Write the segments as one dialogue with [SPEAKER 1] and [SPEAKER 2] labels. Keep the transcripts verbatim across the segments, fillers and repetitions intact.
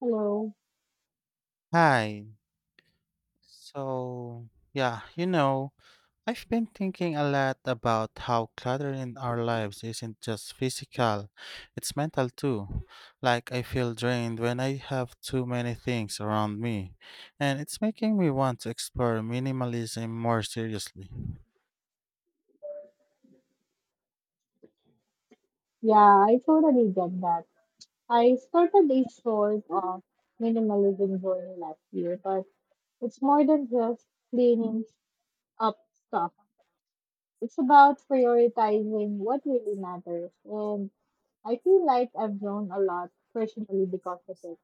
[SPEAKER 1] Hello.
[SPEAKER 2] Hi. So, yeah, you know, I've been thinking a lot about how clutter in our lives isn't just physical, it's mental too. Like, I feel drained when I have too many things around me, and it's making me want to explore minimalism more seriously.
[SPEAKER 1] Yeah, I totally get that. I started a sort of minimalism journey last year, but it's more than just cleaning up stuff. It's about prioritizing what really matters. And I feel like I've grown a lot personally because of it.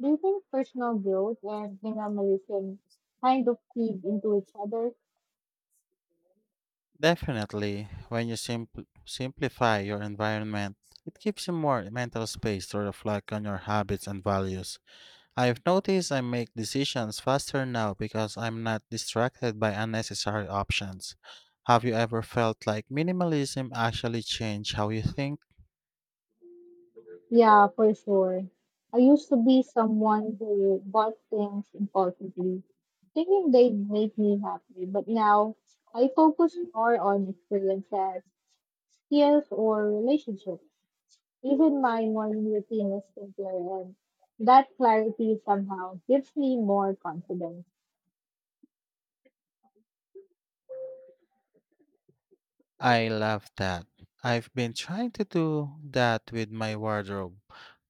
[SPEAKER 1] Do you think personal growth and minimalism kind of feed into each other?
[SPEAKER 2] Definitely, when you simpl- simplify your environment, it gives you more mental space to reflect on your habits and values. I've noticed I make decisions faster now because I'm not distracted by unnecessary options. Have you ever felt like minimalism actually changed how you think?
[SPEAKER 1] Yeah, for sure. I used to be someone who bought things impulsively, thinking they'd make me happy, but now I focus more on experiences, skills, or relationships. Even my morning routine is simpler, and that clarity somehow gives me more confidence.
[SPEAKER 2] I love that. I've been trying to do that with my wardrobe.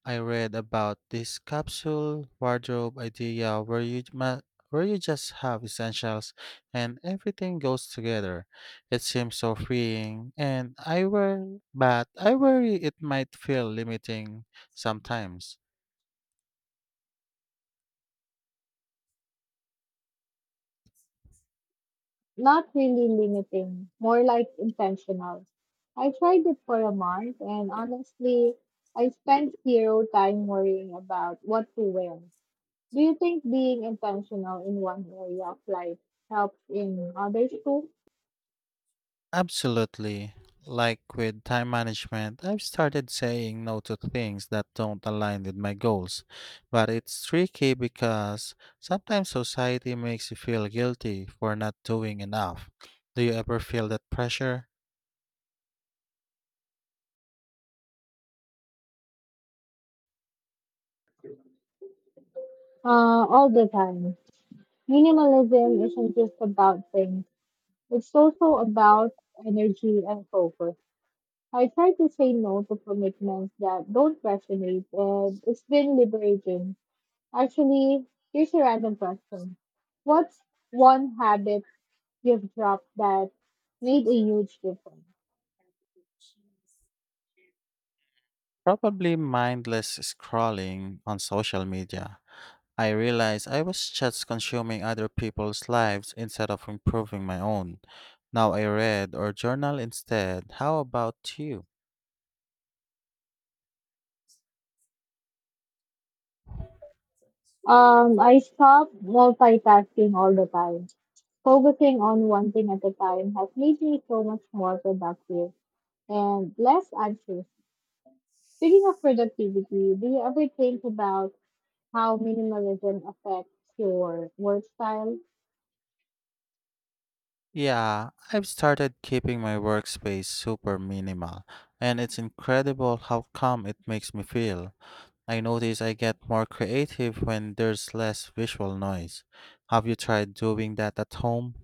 [SPEAKER 2] I read about this capsule wardrobe idea where you ma- where you just have essentials and everything goes together. It seems so freeing and I worry but I worry it might feel limiting sometimes.
[SPEAKER 1] Not really limiting, more like intentional. I tried it for a month, and honestly, I spent zero time worrying about what to wear. Do you think being intentional in one area of life helps in others too?
[SPEAKER 2] Absolutely. Like with time management, I've started saying no to things that don't align with my goals. But it's tricky because sometimes society makes you feel guilty for not doing enough. Do you ever feel that pressure?
[SPEAKER 1] Uh, all the time. Minimalism isn't just about things, it's also about energy and focus. I try to say no to commitments that don't resonate, and it's been liberating. Actually, here's a random question. What's one habit you've dropped that made a huge difference?
[SPEAKER 2] Probably mindless scrolling on social media. I realized I was just consuming other people's lives instead of improving my own. Now I read or journal instead. How about you?
[SPEAKER 1] Um, I stopped multitasking all the time. Focusing on one thing at a time has made me so much more productive and less anxious. Speaking of productivity, do you ever think about how minimalism affects your work style?
[SPEAKER 2] Yeah, I've started keeping my workspace super minimal, and it's incredible how calm it makes me feel. I notice I get more creative when there's less visual noise. Have you tried doing that at home?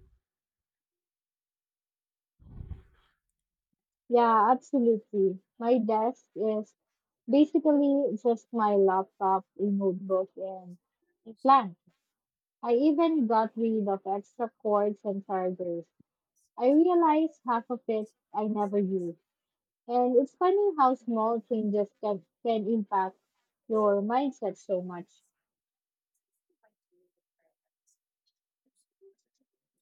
[SPEAKER 1] Yeah, absolutely. My desk is basically just my laptop, a notebook, and a plant. I even got rid of extra cords and chargers. I realized half of it I never used. And it's funny how small changes can, can impact your mindset so much.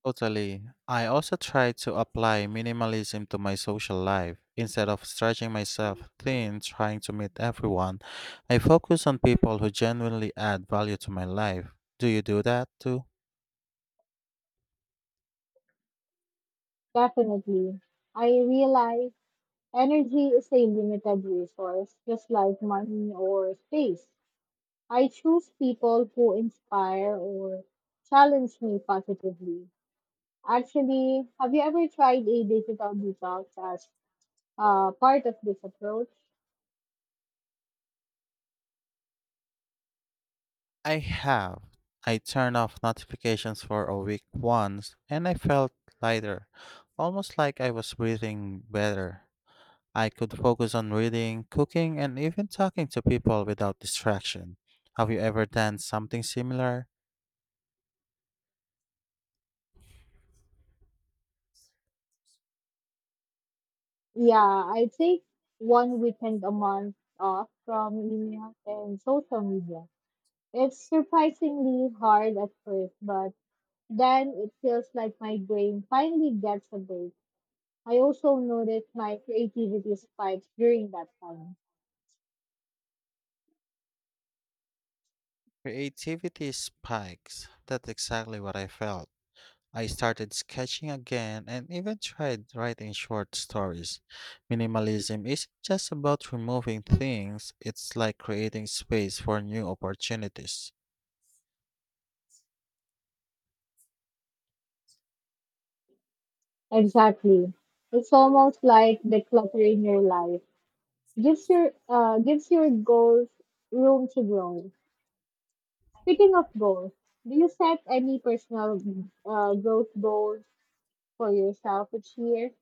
[SPEAKER 2] Totally. I also try to apply minimalism to my social life. Instead of stretching myself thin trying to meet everyone, I focus on people who genuinely add value to my life. Do you do that too?
[SPEAKER 1] Definitely. I realize energy is a limited resource, just like money or space. I choose people who inspire or challenge me positively. Actually, have you ever tried a digital detox as uh, part of this approach?
[SPEAKER 2] I have. I turned off notifications for a week once and I felt lighter, almost like I was breathing better. I could focus on reading, cooking, and even talking to people without distraction. Have you ever done something similar?
[SPEAKER 1] Yeah, I take one weekend a month off from email and social media. It's surprisingly hard at first, but then it feels like my brain finally gets a break. I also noticed my creativity spikes during that time.
[SPEAKER 2] Creativity spikes. That's exactly what I felt. I started sketching again and even tried writing short stories. Minimalism isn't just about removing things, it's like creating space for new opportunities.
[SPEAKER 1] Exactly. It's almost like decluttering your life. Gives your uh gives your goals room to grow. Speaking of goals, do you set any personal uh, growth goals for yourself each year?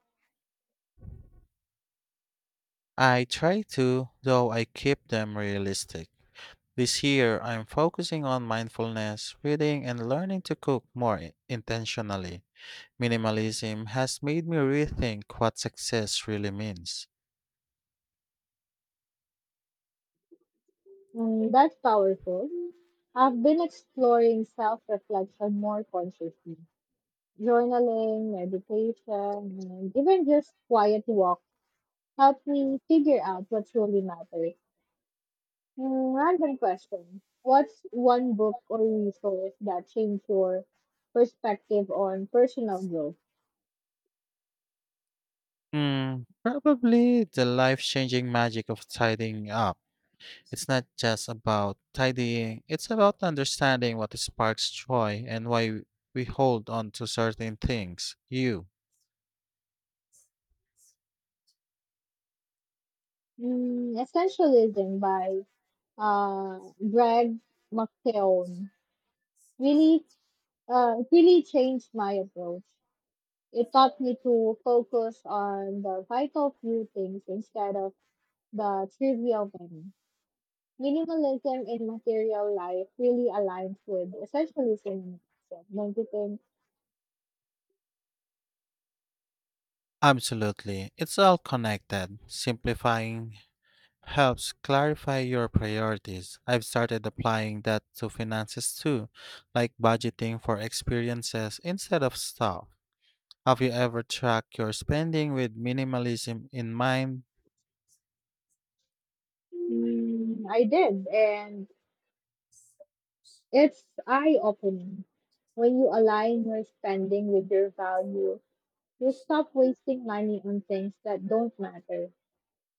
[SPEAKER 2] I try to, though I keep them realistic. This year, I'm focusing on mindfulness, reading, and learning to cook more i- intentionally. Minimalism has made me rethink what success really means.
[SPEAKER 1] Mm, that's powerful. I've been exploring self reflection more consciously. Journaling, meditation, and even just quiet walks help me figure out what truly matters. Mm, random question. What's one book or resource that changed your perspective on personal growth?
[SPEAKER 2] Hmm, probably The Life Changing Magic of Tidying Up. It's not just about tidying, it's about understanding what sparks joy and why we hold on to certain things. You.
[SPEAKER 1] Mm, Essentialism by uh, Greg McKeown really, uh, really changed my approach. It taught me to focus on the vital few things instead of the trivial many. Minimalism in material life really aligns with essentialism. In myself. Don't you think?
[SPEAKER 2] Absolutely. It's all connected. Simplifying helps clarify your priorities. I've started applying that to finances too, like budgeting for experiences instead of stuff. Have you ever tracked your spending with minimalism in mind?
[SPEAKER 1] Mm, I did, and it's eye opening. When you align your spending with your value, you stop wasting money on things that don't matter.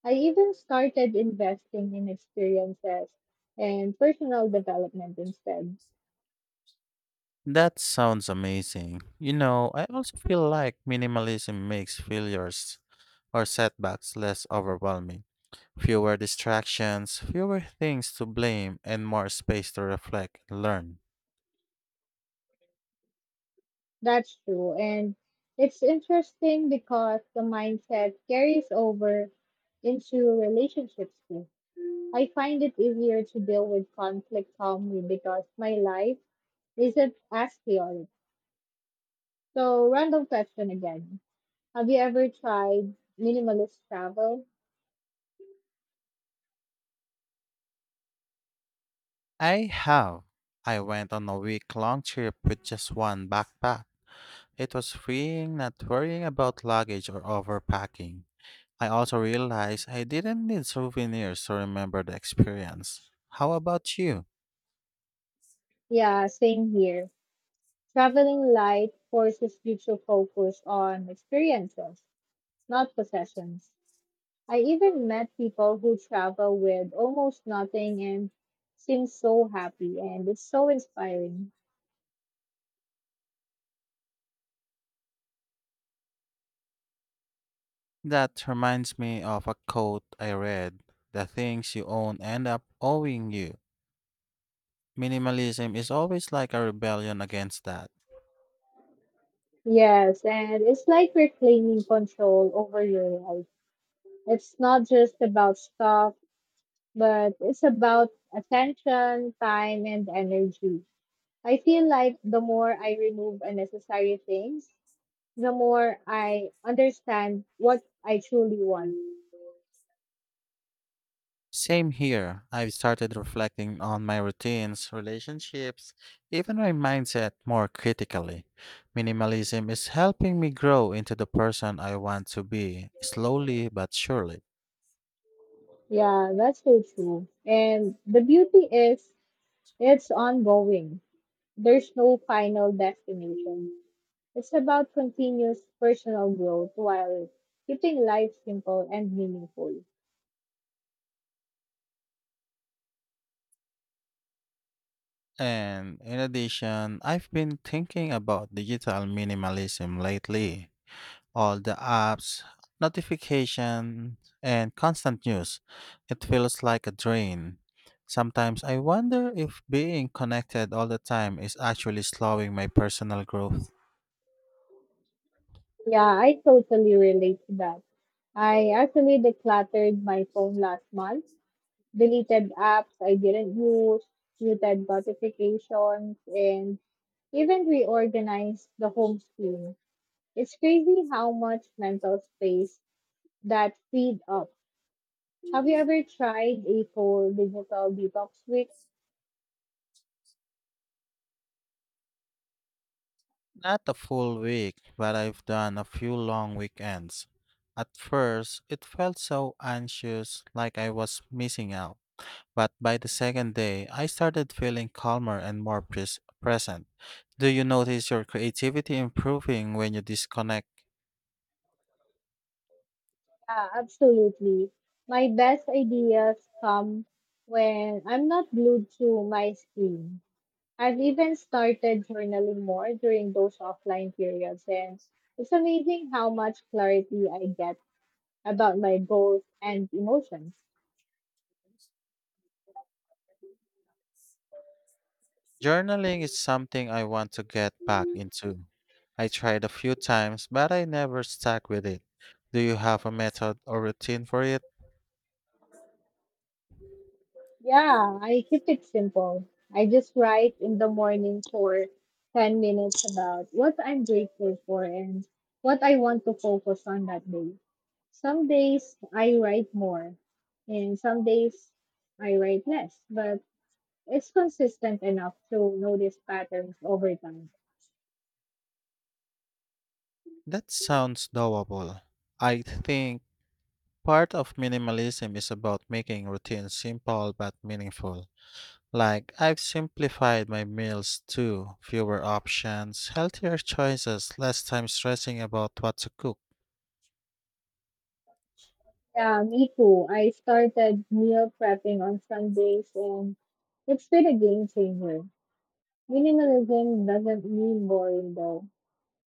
[SPEAKER 1] I even started investing in experiences and personal development instead.
[SPEAKER 2] That sounds amazing. You know, I also feel like minimalism makes failures or setbacks less overwhelming. Fewer distractions, fewer things to blame, and more space to reflect and learn.
[SPEAKER 1] That's true. And it's interesting because the mindset carries over into relationships too. I find it easier to deal with conflict calmly because my life isn't as chaotic. So, random question again. Have you ever tried minimalist travel?
[SPEAKER 2] I have. I went on a week long trip with just one backpack. It was freeing not worrying about luggage or overpacking. I also realized I didn't need souvenirs to remember the experience. How about you?
[SPEAKER 1] Yeah, same here. Traveling light forces you to focus on experiences, not possessions. I even met people who travel with almost nothing and seem so happy, and it's so inspiring.
[SPEAKER 2] That reminds me of a quote I read: the things you own end up owing you. Minimalism is always like a rebellion against that.
[SPEAKER 1] Yes, and it's like reclaiming control over your life. It's not just about stuff, but it's about attention, time, and energy. I feel like the more I remove unnecessary things, the more I understand what I truly want.
[SPEAKER 2] Same here. I've started reflecting on my routines, relationships, even my mindset more critically. Minimalism is helping me grow into the person I want to be, slowly but surely.
[SPEAKER 1] Yeah, that's so true. And the beauty is, it's ongoing. There's no final destination. It's about continuous personal growth while keeping life simple and meaningful.
[SPEAKER 2] And in addition, I've been thinking about digital minimalism lately. All the apps, notifications, and constant news. It feels like a drain. Sometimes I wonder if being connected all the time is actually slowing my personal growth.
[SPEAKER 1] Yeah, I totally relate to that. I actually decluttered my phone last month, deleted apps I didn't use, muted notifications, and even reorganized the home screen. It's crazy how much mental space that freed up. Have you ever tried a full digital detox week?
[SPEAKER 2] Not a full week, but I've done a few long weekends. At first, it felt so anxious, like I was missing out. But by the second day, I started feeling calmer and more pres- present. Do you notice your creativity improving when you disconnect?
[SPEAKER 1] Yeah, absolutely. My best ideas come when I'm not glued to my screen. I've even started journaling more during those offline periods, and it's amazing how much clarity I get about my goals and emotions.
[SPEAKER 2] Journaling is something I want to get back into. I tried a few times, but I never stuck with it. Do you have a method or routine for it?
[SPEAKER 1] Yeah, I keep it simple. I just write in the morning for ten minutes about what I'm grateful for and what I want to focus on that day. Some days I write more, and some days I write less, but it's consistent enough to notice patterns over time.
[SPEAKER 2] That sounds doable. I think part of minimalism is about making routines simple but meaningful. Like, I've simplified my meals too, fewer options, healthier choices, less time stressing about what to cook.
[SPEAKER 1] Yeah, me too. I started meal prepping on Sundays, and it's been a game changer. Minimalism doesn't mean boring, though.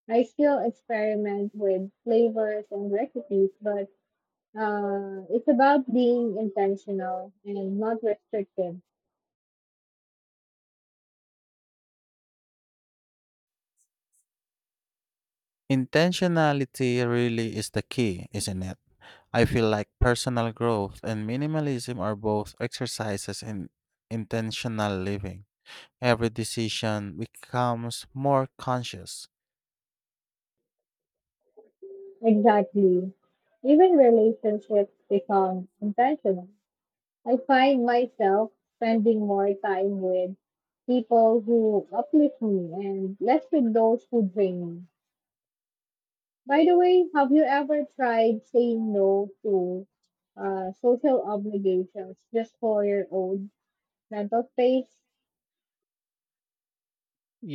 [SPEAKER 1] I still experiment with flavors and recipes, but uh, it's about being intentional and not restrictive.
[SPEAKER 2] Intentionality really is the key, isn't it? I feel like personal growth and minimalism are both exercises in intentional living. Every decision becomes more conscious.
[SPEAKER 1] Exactly. Even relationships become intentional. I find myself spending more time with people who uplift me and less with those who drain me. By the way, have you ever tried saying no to uh, social obligations just for your own mental space?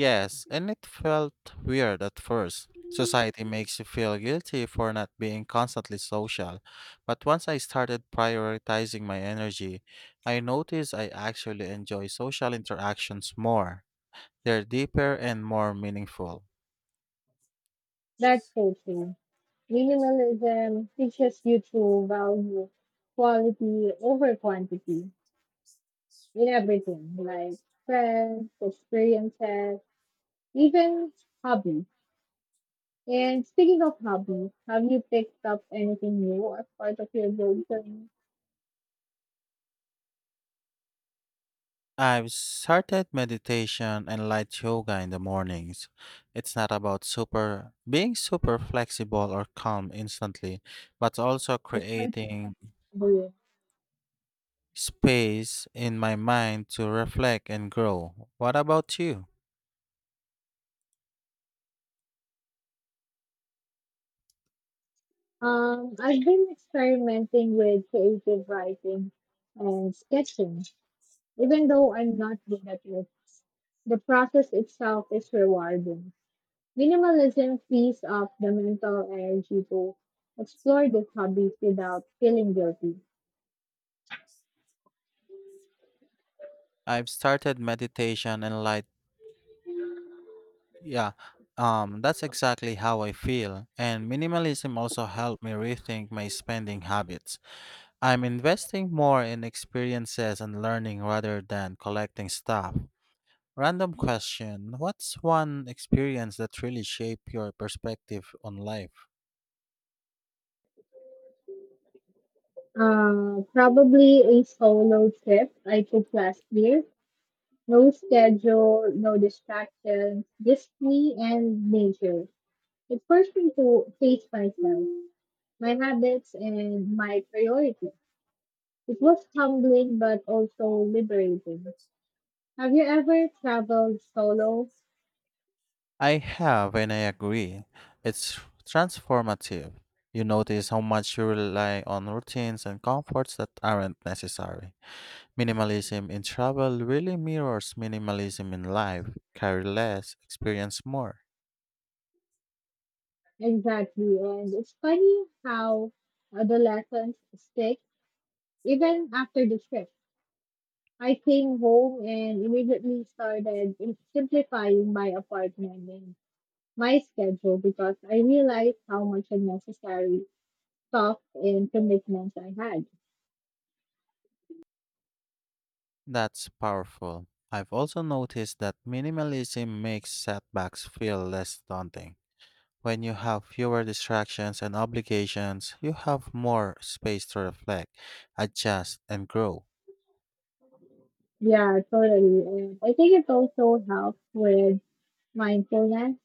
[SPEAKER 2] Yes, and it felt weird at first. Society makes you feel guilty for not being constantly social. But once I started prioritizing my energy, I noticed I actually enjoy social interactions more. They're deeper and more meaningful.
[SPEAKER 1] That's so true. Minimalism teaches you to value quality over quantity in everything, like friends, experiences, even hobbies. And speaking of hobbies, have you picked up anything new as part of your goal journey?
[SPEAKER 2] I've started meditation and light yoga in the mornings. It's not about super being super flexible or calm instantly, but also
[SPEAKER 1] Which one
[SPEAKER 2] creating
[SPEAKER 1] can do? You?
[SPEAKER 2] Space in my mind to reflect and grow. What about you?
[SPEAKER 1] Um, I've been experimenting with creative writing and sketching, even though I'm not good at it. The process itself is rewarding. Minimalism frees up the mental energy to explore these hobbies without feeling guilty.
[SPEAKER 2] I've started meditation and light yeah, um That's exactly how I feel. And minimalism also helped me rethink my spending habits. I'm investing more in experiences and learning rather than collecting stuff. Random question. What's one experience that really shaped your perspective on life?
[SPEAKER 1] Uh, probably a solo trip I took last year. No schedule, no distractions, just me and nature. It forced me to face myself, my habits, and my priorities. It was humbling but also liberating. Have you ever traveled solo?
[SPEAKER 2] I have, and I agree. It's transformative. You notice how much you rely on routines and comforts that aren't necessary. Minimalism in travel really mirrors minimalism in life. Carry less, experience more.
[SPEAKER 1] Exactly. And it's funny how uh, the lessons stick even after the trip. I came home and immediately started in- simplifying my apartment and my schedule because I realized how much unnecessary stuff and commitments I had.
[SPEAKER 2] That's powerful. I've also noticed that minimalism makes setbacks feel less daunting. When you have fewer distractions and obligations, you have more space to reflect, adjust, and grow.
[SPEAKER 1] Yeah, totally. And I think it also helps with mindfulness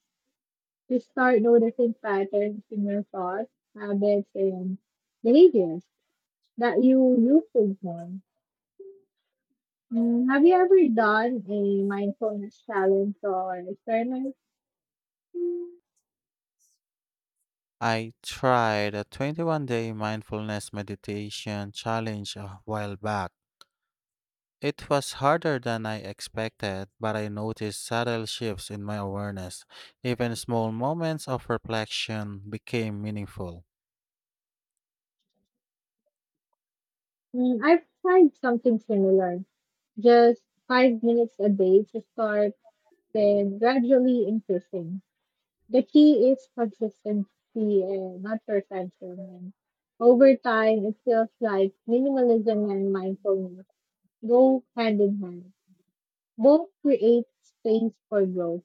[SPEAKER 1] to start noticing patterns in your thoughts, habits, and behaviors that you used to ignore. Mm, have you ever done a mindfulness challenge or experiment? Mm,
[SPEAKER 2] I tried a twenty-one day mindfulness meditation challenge a while back. It was harder than I expected, but I noticed subtle shifts in my awareness. Even small moments of reflection became meaningful.
[SPEAKER 1] I've tried something similar, just five minutes a day to start, then gradually increasing. The key is consistency and not perfection. And over time, it feels like minimalism and mindfulness go hand in hand. Both create space for growth.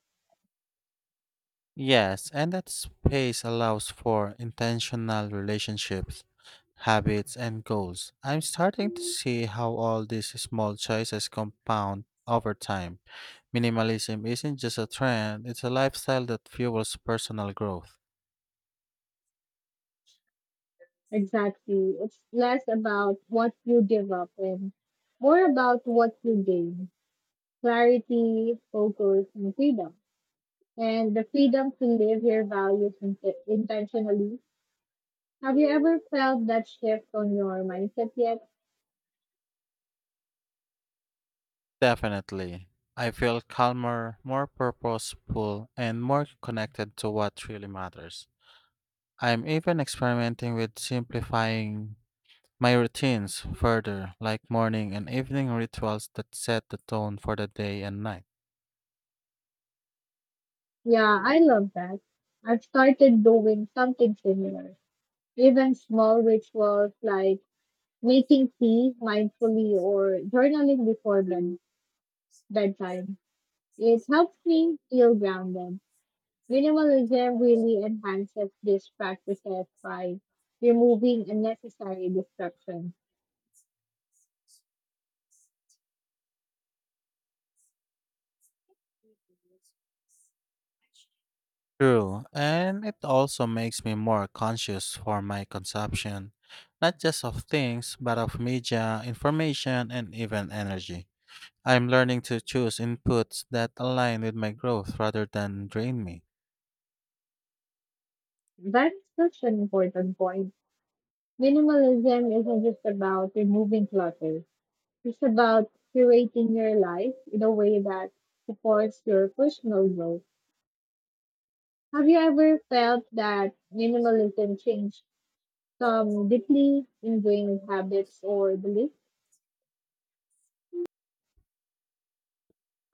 [SPEAKER 2] Yes, and that space allows for intentional relationships, habits, and goals. I'm starting to see how all these small choices compound over time. Minimalism isn't just a trend, it's a lifestyle that fuels personal growth.
[SPEAKER 1] Exactly. It's less about what you give up and more about what you gain. Clarity, focus, and freedom. And the freedom to live your values int- intentionally. Have you ever felt that shift on your mindset yet?
[SPEAKER 2] Definitely. I feel calmer, more purposeful, and more connected to what really matters. I'm even experimenting with simplifying my routines, further, like morning and evening rituals that set the tone for the day and night.
[SPEAKER 1] Yeah, I love that. I've started doing something similar. Even small rituals like making tea mindfully or journaling before bed- bedtime. It helps me feel grounded. Minimalism really enhances these practices by removing unnecessary distractions.
[SPEAKER 2] True, and it also makes me more conscious for my consumption, not just of things, but of media, information, and even energy. I'm learning to choose inputs that align with my growth rather than drain me.
[SPEAKER 1] That's such an important point. Minimalism isn't just about removing clutter, it's about curating your life in a way that supports your personal growth. Have you ever felt that minimalism changed some deeply ingrained habits or beliefs?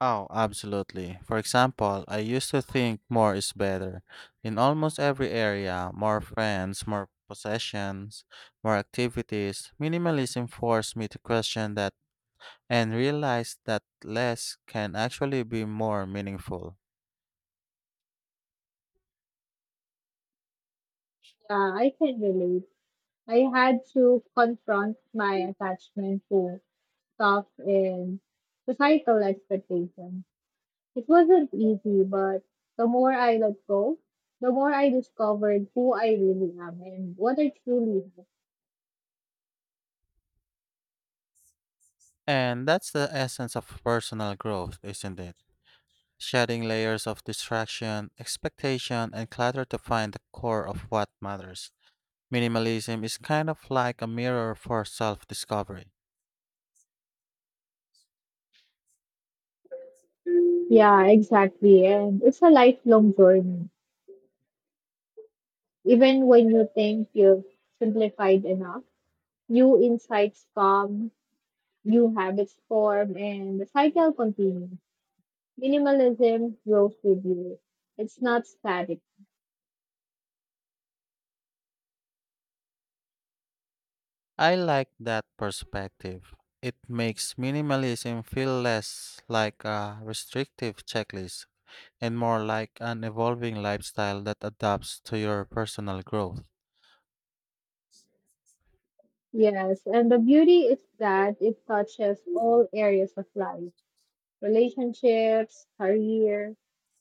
[SPEAKER 2] Oh, absolutely. For example, I used to think more is better. In almost every area, more friends, more possessions, more activities, minimalism forced me to question that and realize that less can actually be more meaningful.
[SPEAKER 1] Yeah, I can relate. I had to confront my attachment to stuff in societal expectations. It wasn't easy, but the more I let go, the more I discovered who I really am and what I truly have.
[SPEAKER 2] And that's the essence of personal growth, isn't it? Shedding layers of distraction, expectation, and clutter to find the core of what matters. Minimalism is kind of like a mirror for self discovery.
[SPEAKER 1] Yeah, exactly. And it's a lifelong journey. Even when you think you've simplified enough, new insights come, new habits form, and the cycle continues. Minimalism grows with you. It's not static.
[SPEAKER 2] I like that perspective. It makes minimalism feel less like a restrictive checklist and more like an evolving lifestyle that adapts to your personal growth.
[SPEAKER 1] Yes, and the beauty is that it touches all areas of life relationships, career,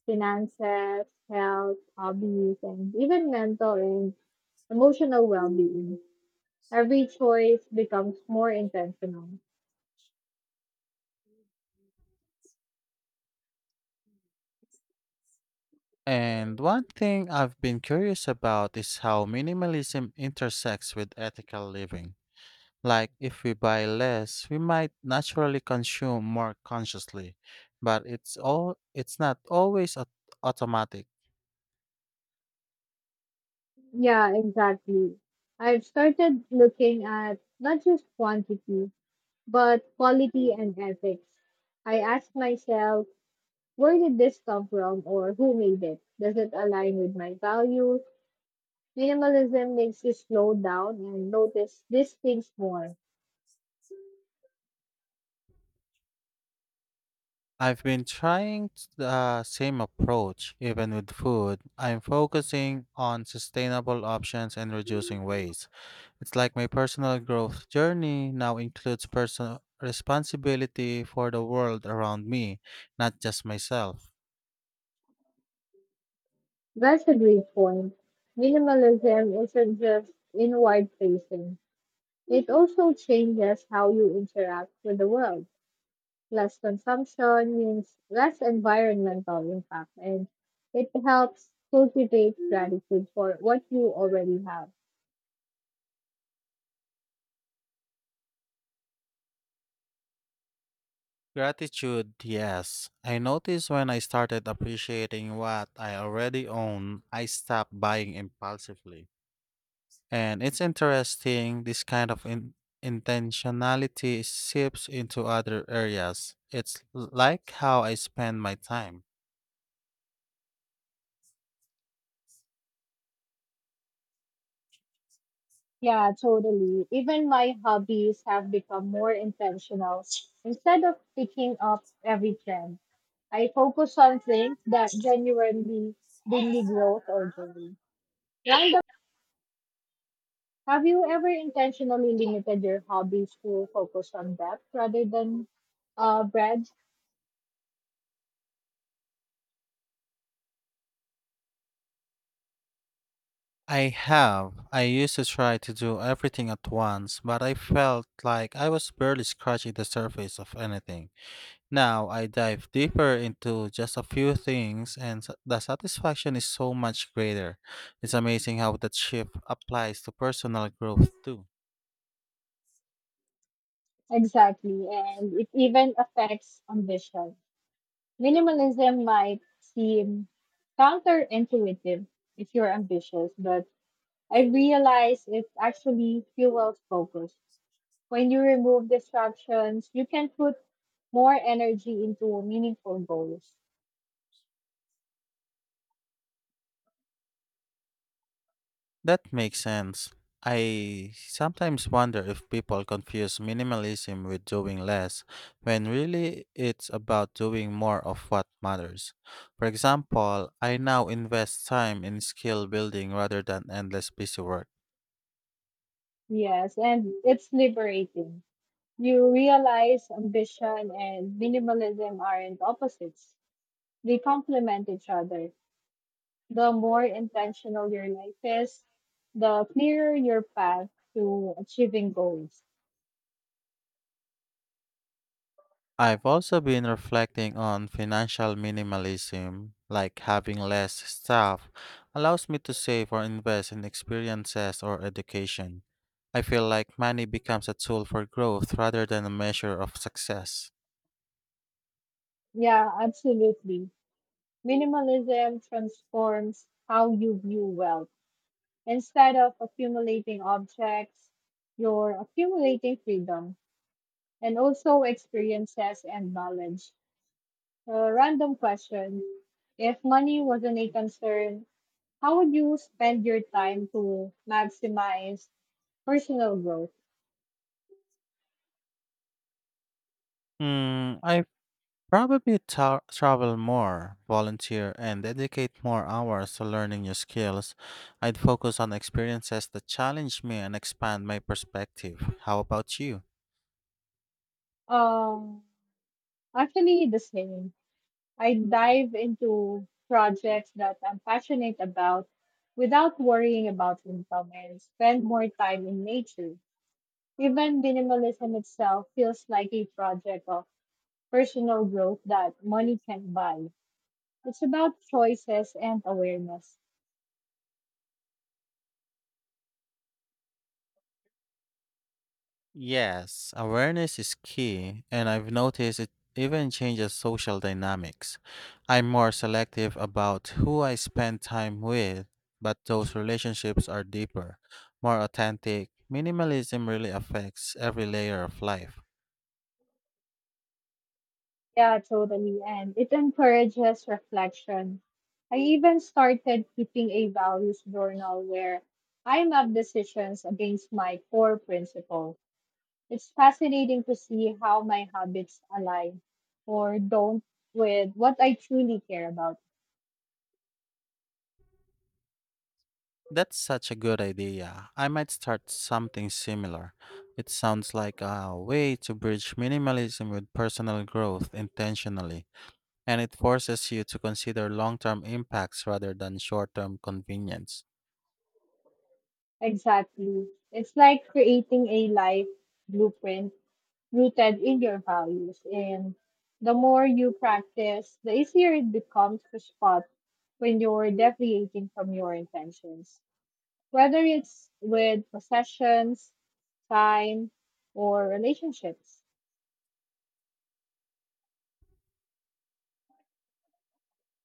[SPEAKER 1] finances, health, hobbies, and even mental and emotional well being. Every choice becomes more intentional.
[SPEAKER 2] And one thing I've been curious about is how minimalism intersects with ethical living. Like, if we buy less, we might naturally consume more consciously, but it's all it's not always au- automatic.
[SPEAKER 1] Yeah, exactly. I've started looking at not just quantity, but quality and ethics. I ask myself, where did this come from or who made it? Does it align with my values? Minimalism makes you slow down and notice these things more.
[SPEAKER 2] I've been trying t- the same approach, even with food. I'm focusing on sustainable options and reducing waste. It's like my personal growth journey now includes personal responsibility for the world around me, not just myself.
[SPEAKER 1] That's a great point. Minimalism isn't just inward facing, it also changes how you interact with the world. Less consumption means less environmental impact, and it helps cultivate gratitude for what you already have.
[SPEAKER 2] Gratitude, yes. I noticed when I started appreciating what I already own, I stopped buying impulsively. And it's interesting, this kind of in- intentionality seeps into other areas. It's l- like how I spend my time.
[SPEAKER 1] Yeah, totally. Even my hobbies have become more intentional. Instead of picking up every trend, I focus on things that genuinely bring me growth or joy. Random. Have you ever intentionally limited your hobbies to focus on that rather than uh, breadth?
[SPEAKER 2] I have. I used to try to do everything at once, but I felt like I was barely scratching the surface of anything. Now I dive deeper into just a few things, and s- the satisfaction is so much greater. It's amazing how that shift applies to personal growth too.
[SPEAKER 1] Exactly, and it even affects ambition. Minimalism might seem counterintuitive if you're ambitious, but I realize it actually fuels focus. When you remove distractions, you can put more energy into meaningful goals.
[SPEAKER 2] That makes sense. I sometimes wonder if people confuse minimalism with doing less, when really it's about doing more of what matters. For example, I now invest time in skill building rather than endless busy work.
[SPEAKER 1] Yes, and it's liberating. You realize ambition and minimalism aren't opposites, they complement each other. The more intentional your life is, the clearer your path to achieving goals.
[SPEAKER 2] I've also been reflecting on financial minimalism, like having less staff allows me to save or invest in experiences or education. I feel like money becomes a tool for growth rather than a measure of success.
[SPEAKER 1] Yeah, absolutely. Minimalism transforms how you view wealth. Instead of accumulating objects, you're accumulating freedom and also experiences and knowledge. A random question. If money wasn't a concern, how would you spend your time to maximize personal growth?
[SPEAKER 2] Hmm, I probably ta- travel more, volunteer, and dedicate more hours to learning new skills. I'd focus on experiences that challenge me and expand my perspective. How about you?
[SPEAKER 1] Um, Actually, the same. I dive into projects that I'm passionate about without worrying about income and spend more time in nature. Even minimalism itself feels like a project of personal growth that money can buy. It's about choices and awareness.
[SPEAKER 2] Yes, awareness is key, and I've noticed it even changes social dynamics. I'm more selective about who I spend time with, but those relationships are deeper, more authentic. Minimalism really affects every layer of life.
[SPEAKER 1] Yeah, totally. And it encourages reflection. I even started keeping a values journal where I map decisions against my core principle. It's fascinating to see how my habits align or don't with what I truly care about.
[SPEAKER 2] That's such a good idea. I might start something similar. It sounds like a way to bridge minimalism with personal growth intentionally, and it forces you to consider long term impacts rather than short term convenience.
[SPEAKER 1] Exactly. It's like creating a life blueprint rooted in your values. And the more you practice, the easier it becomes to spot when you're deviating from your intentions. Whether it's with possessions, time, or relationships.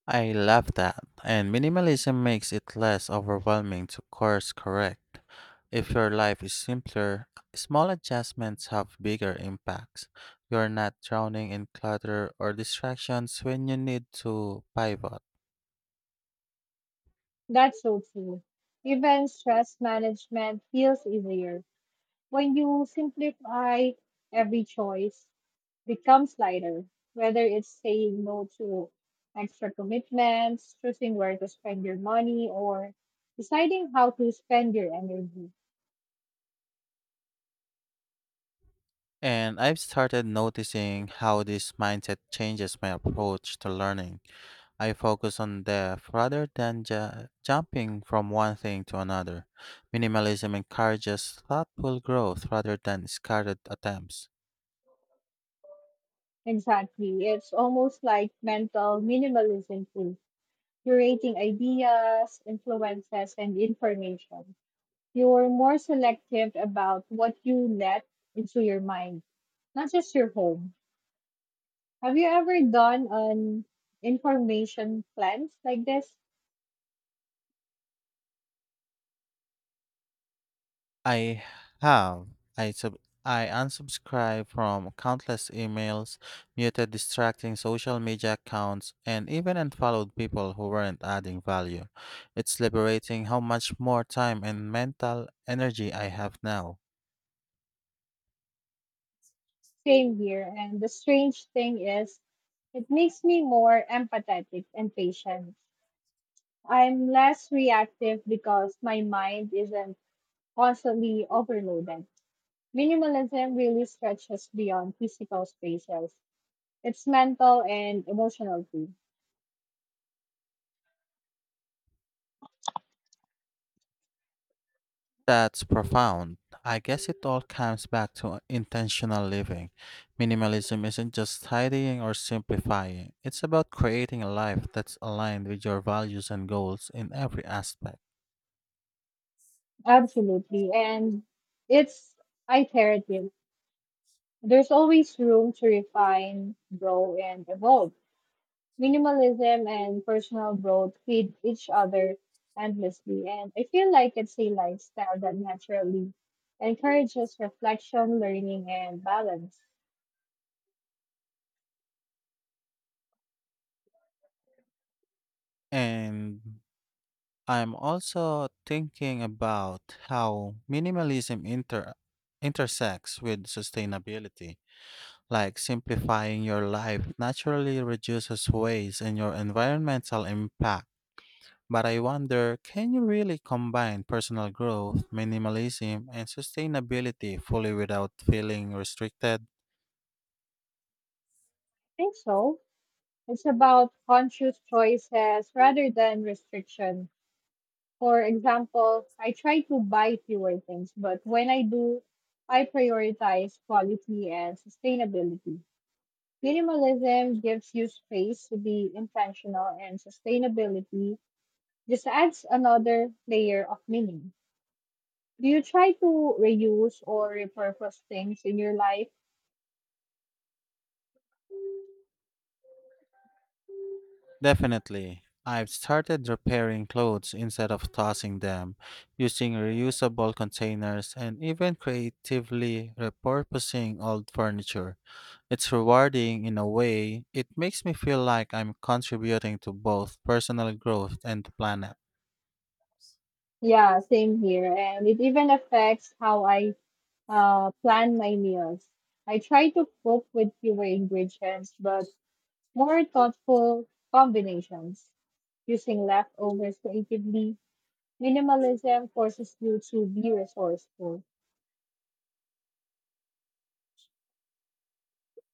[SPEAKER 2] I love that, and minimalism makes it less overwhelming to course correct. If your life is simpler, small adjustments have bigger impacts. You're not drowning in clutter or distractions when you need to pivot.
[SPEAKER 1] That's so true. Even stress management feels easier when you simplify, every choice becomes lighter, whether it's saying no to extra commitments, choosing where to spend your money, or deciding how to spend your energy.
[SPEAKER 2] And I've started noticing how this mindset changes my approach to learning. I focus on depth rather than ju- jumping from one thing to another. Minimalism encourages thoughtful growth rather than scattered attempts.
[SPEAKER 1] Exactly. It's almost like mental minimalism too. Curating ideas, influences, and information. You're more selective about what you let into your mind, not just your home. Have you ever done an information cleanse like this?
[SPEAKER 2] I have. I, sub- I unsubscribe from countless emails, muted distracting social media accounts, and even unfollowed people who weren't adding value. It's liberating how much more time and mental energy I have now.
[SPEAKER 1] Same here. And the strange thing is, it makes me more empathetic and patient. I'm less reactive because my mind isn't constantly overloaded. Minimalism really stretches beyond physical spaces. It's mental and emotional too.
[SPEAKER 2] That's profound. I guess it all comes back to intentional living. Minimalism isn't just tidying or simplifying, it's about creating a life that's aligned with your values and goals in every aspect.
[SPEAKER 1] Absolutely. And it's iterative. There's always room to refine, grow, and evolve. Minimalism and personal growth feed each other endlessly, and I feel like it's a lifestyle that naturally encourages reflection, learning, and balance. I
[SPEAKER 2] And I'm also thinking about how minimalism inter- intersects with sustainability. Like simplifying your life naturally reduces waste and your environmental impact. But I wonder, can you really combine personal growth, minimalism, and sustainability fully without feeling restricted?
[SPEAKER 1] think so. It's about conscious choices rather than restriction. For example, I try to buy fewer things, but when I do, I prioritize quality and sustainability. Minimalism gives you space to be intentional, and sustainability this adds another layer of meaning. Do you try to reuse or repurpose things in your life?
[SPEAKER 2] Definitely. I've started repairing clothes instead of tossing them, using reusable containers, and even creatively repurposing old furniture. It's rewarding in a way, it makes me feel like I'm contributing to both personal growth and the planet.
[SPEAKER 1] Yeah, same here. And it even affects how I uh, plan my meals. I try to cook with fewer ingredients, but more thoughtful combinations. Using leftovers creatively, minimalism forces you to be resourceful.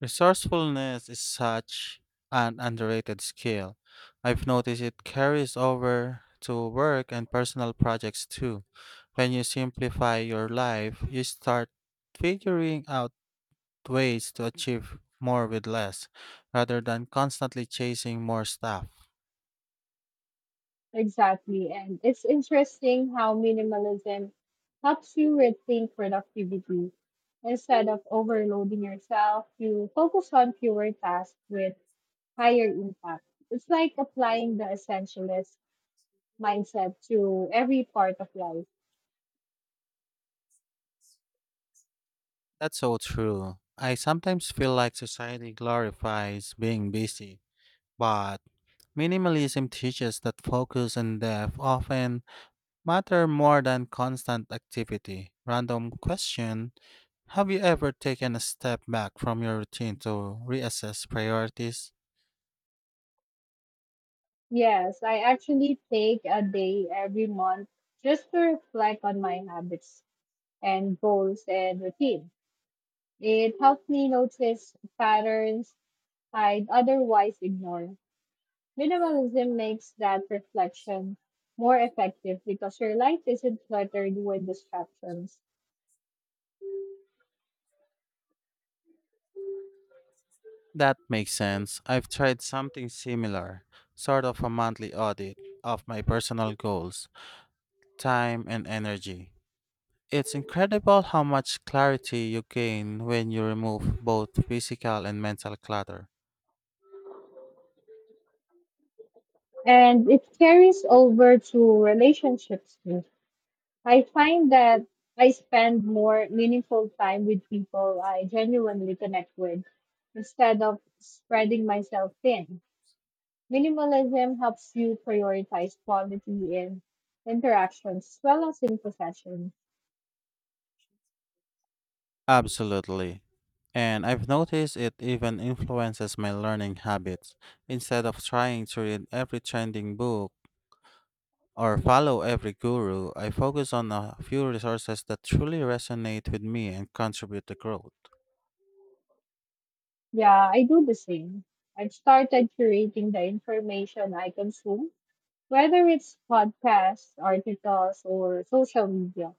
[SPEAKER 2] Resourcefulness is such an underrated skill. I've noticed it carries over to work and personal projects too. When you simplify your life, you start figuring out ways to achieve more with less rather than constantly chasing more stuff.
[SPEAKER 1] Exactly. And it's interesting how minimalism helps you rethink productivity. Instead of overloading yourself, you focus on fewer tasks with higher impact. It's like applying the essentialist mindset to every part of life.
[SPEAKER 2] That's so true. I sometimes feel like society glorifies being busy, but minimalism teaches that focus and depth often matter more than constant activity. Random question, have you ever taken a step back from your routine to reassess priorities?
[SPEAKER 1] Yes, I actually take a day every month just to reflect on my habits and goals and routine. It helps me notice patterns I'd otherwise ignore. Minimalism makes that reflection more effective because your life isn't cluttered with distractions.
[SPEAKER 2] That makes sense. I've tried something similar, sort of a monthly audit of my personal goals, time, and energy. It's incredible how much clarity you gain when you remove both physical and mental clutter.
[SPEAKER 1] And it carries over to relationships too. I find that I spend more meaningful time with people I genuinely connect with instead of spreading myself thin. Minimalism helps you prioritize quality in interactions as well as in possessions.
[SPEAKER 2] Absolutely. And I've noticed it even influences my learning habits. Instead of trying to read every trending book or follow every guru, I focus on a few resources that truly resonate with me and contribute to growth.
[SPEAKER 1] Yeah, I do the same. I've started curating the information I consume, whether it's podcasts, articles, or social media.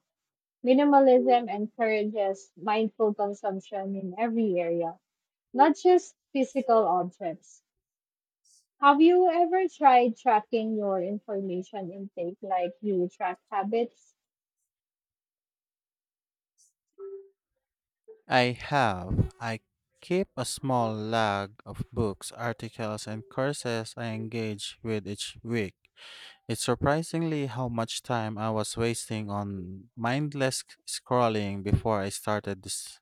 [SPEAKER 1] Minimalism encourages mindful consumption in every area, not just physical objects. Have you ever tried tracking your information intake like you track habits?
[SPEAKER 2] I have. I keep a small log of books, articles, and courses I engage with each week. It's surprisingly how much time I was wasting on mindless scrolling before I started this.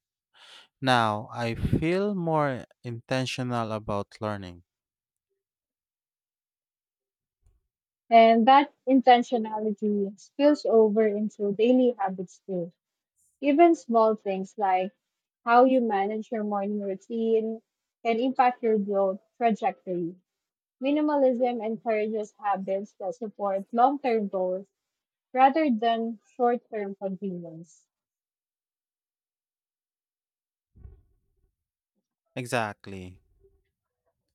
[SPEAKER 2] Now I feel more intentional about learning.
[SPEAKER 1] And that intentionality spills over into daily habits too. Even small things like how you manage your morning routine can impact your growth trajectory. Minimalism encourages habits that support long term goals rather than short term convenience.
[SPEAKER 2] Exactly.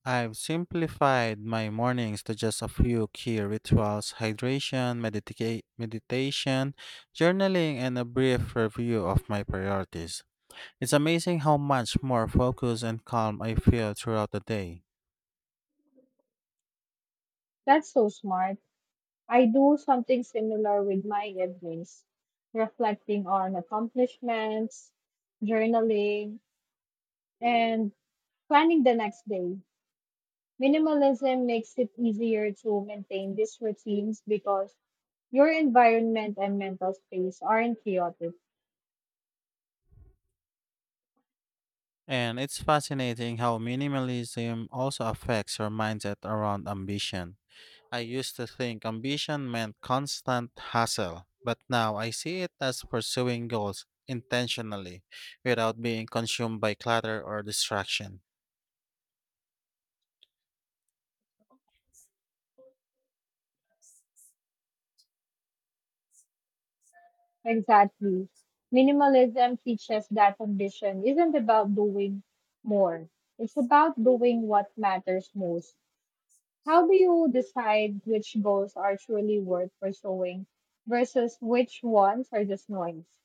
[SPEAKER 2] I've simplified my mornings to just a few key rituals: hydration, meditica- meditation, journaling, and a brief review of my priorities. It's amazing how much more focused and calm I feel throughout the day.
[SPEAKER 1] That's so smart. I do something similar with my evenings, reflecting on accomplishments, journaling, and planning the next day. Minimalism makes it easier to maintain these routines because your environment and mental space aren't chaotic.
[SPEAKER 2] And it's fascinating how minimalism also affects your mindset around ambition. I used to think ambition meant constant hustle, but now I see it as pursuing goals intentionally without being consumed by clutter or distraction.
[SPEAKER 1] Exactly. Minimalism teaches that ambition isn't about doing more, it's about doing what matters most. How do you decide which goals are truly worth pursuing versus which ones are just noise?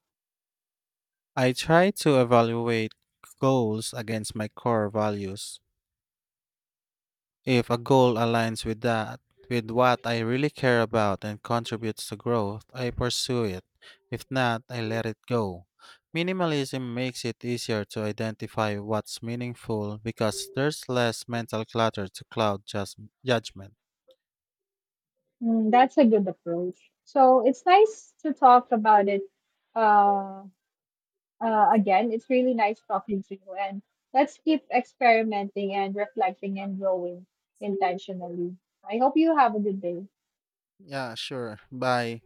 [SPEAKER 2] I try to evaluate goals against my core values. If a goal aligns with that, with what I really care about and contributes to growth, I pursue it. If not, I let it go. Minimalism makes it easier to identify what's meaningful because there's less mental clutter to cloud jus- judgment.
[SPEAKER 1] Mm, that's a good approach. So it's nice to talk about it uh, Uh, again, it's really nice talking to you, and let's keep experimenting and reflecting and growing intentionally. I hope you have a good day.
[SPEAKER 2] Yeah, sure. Bye.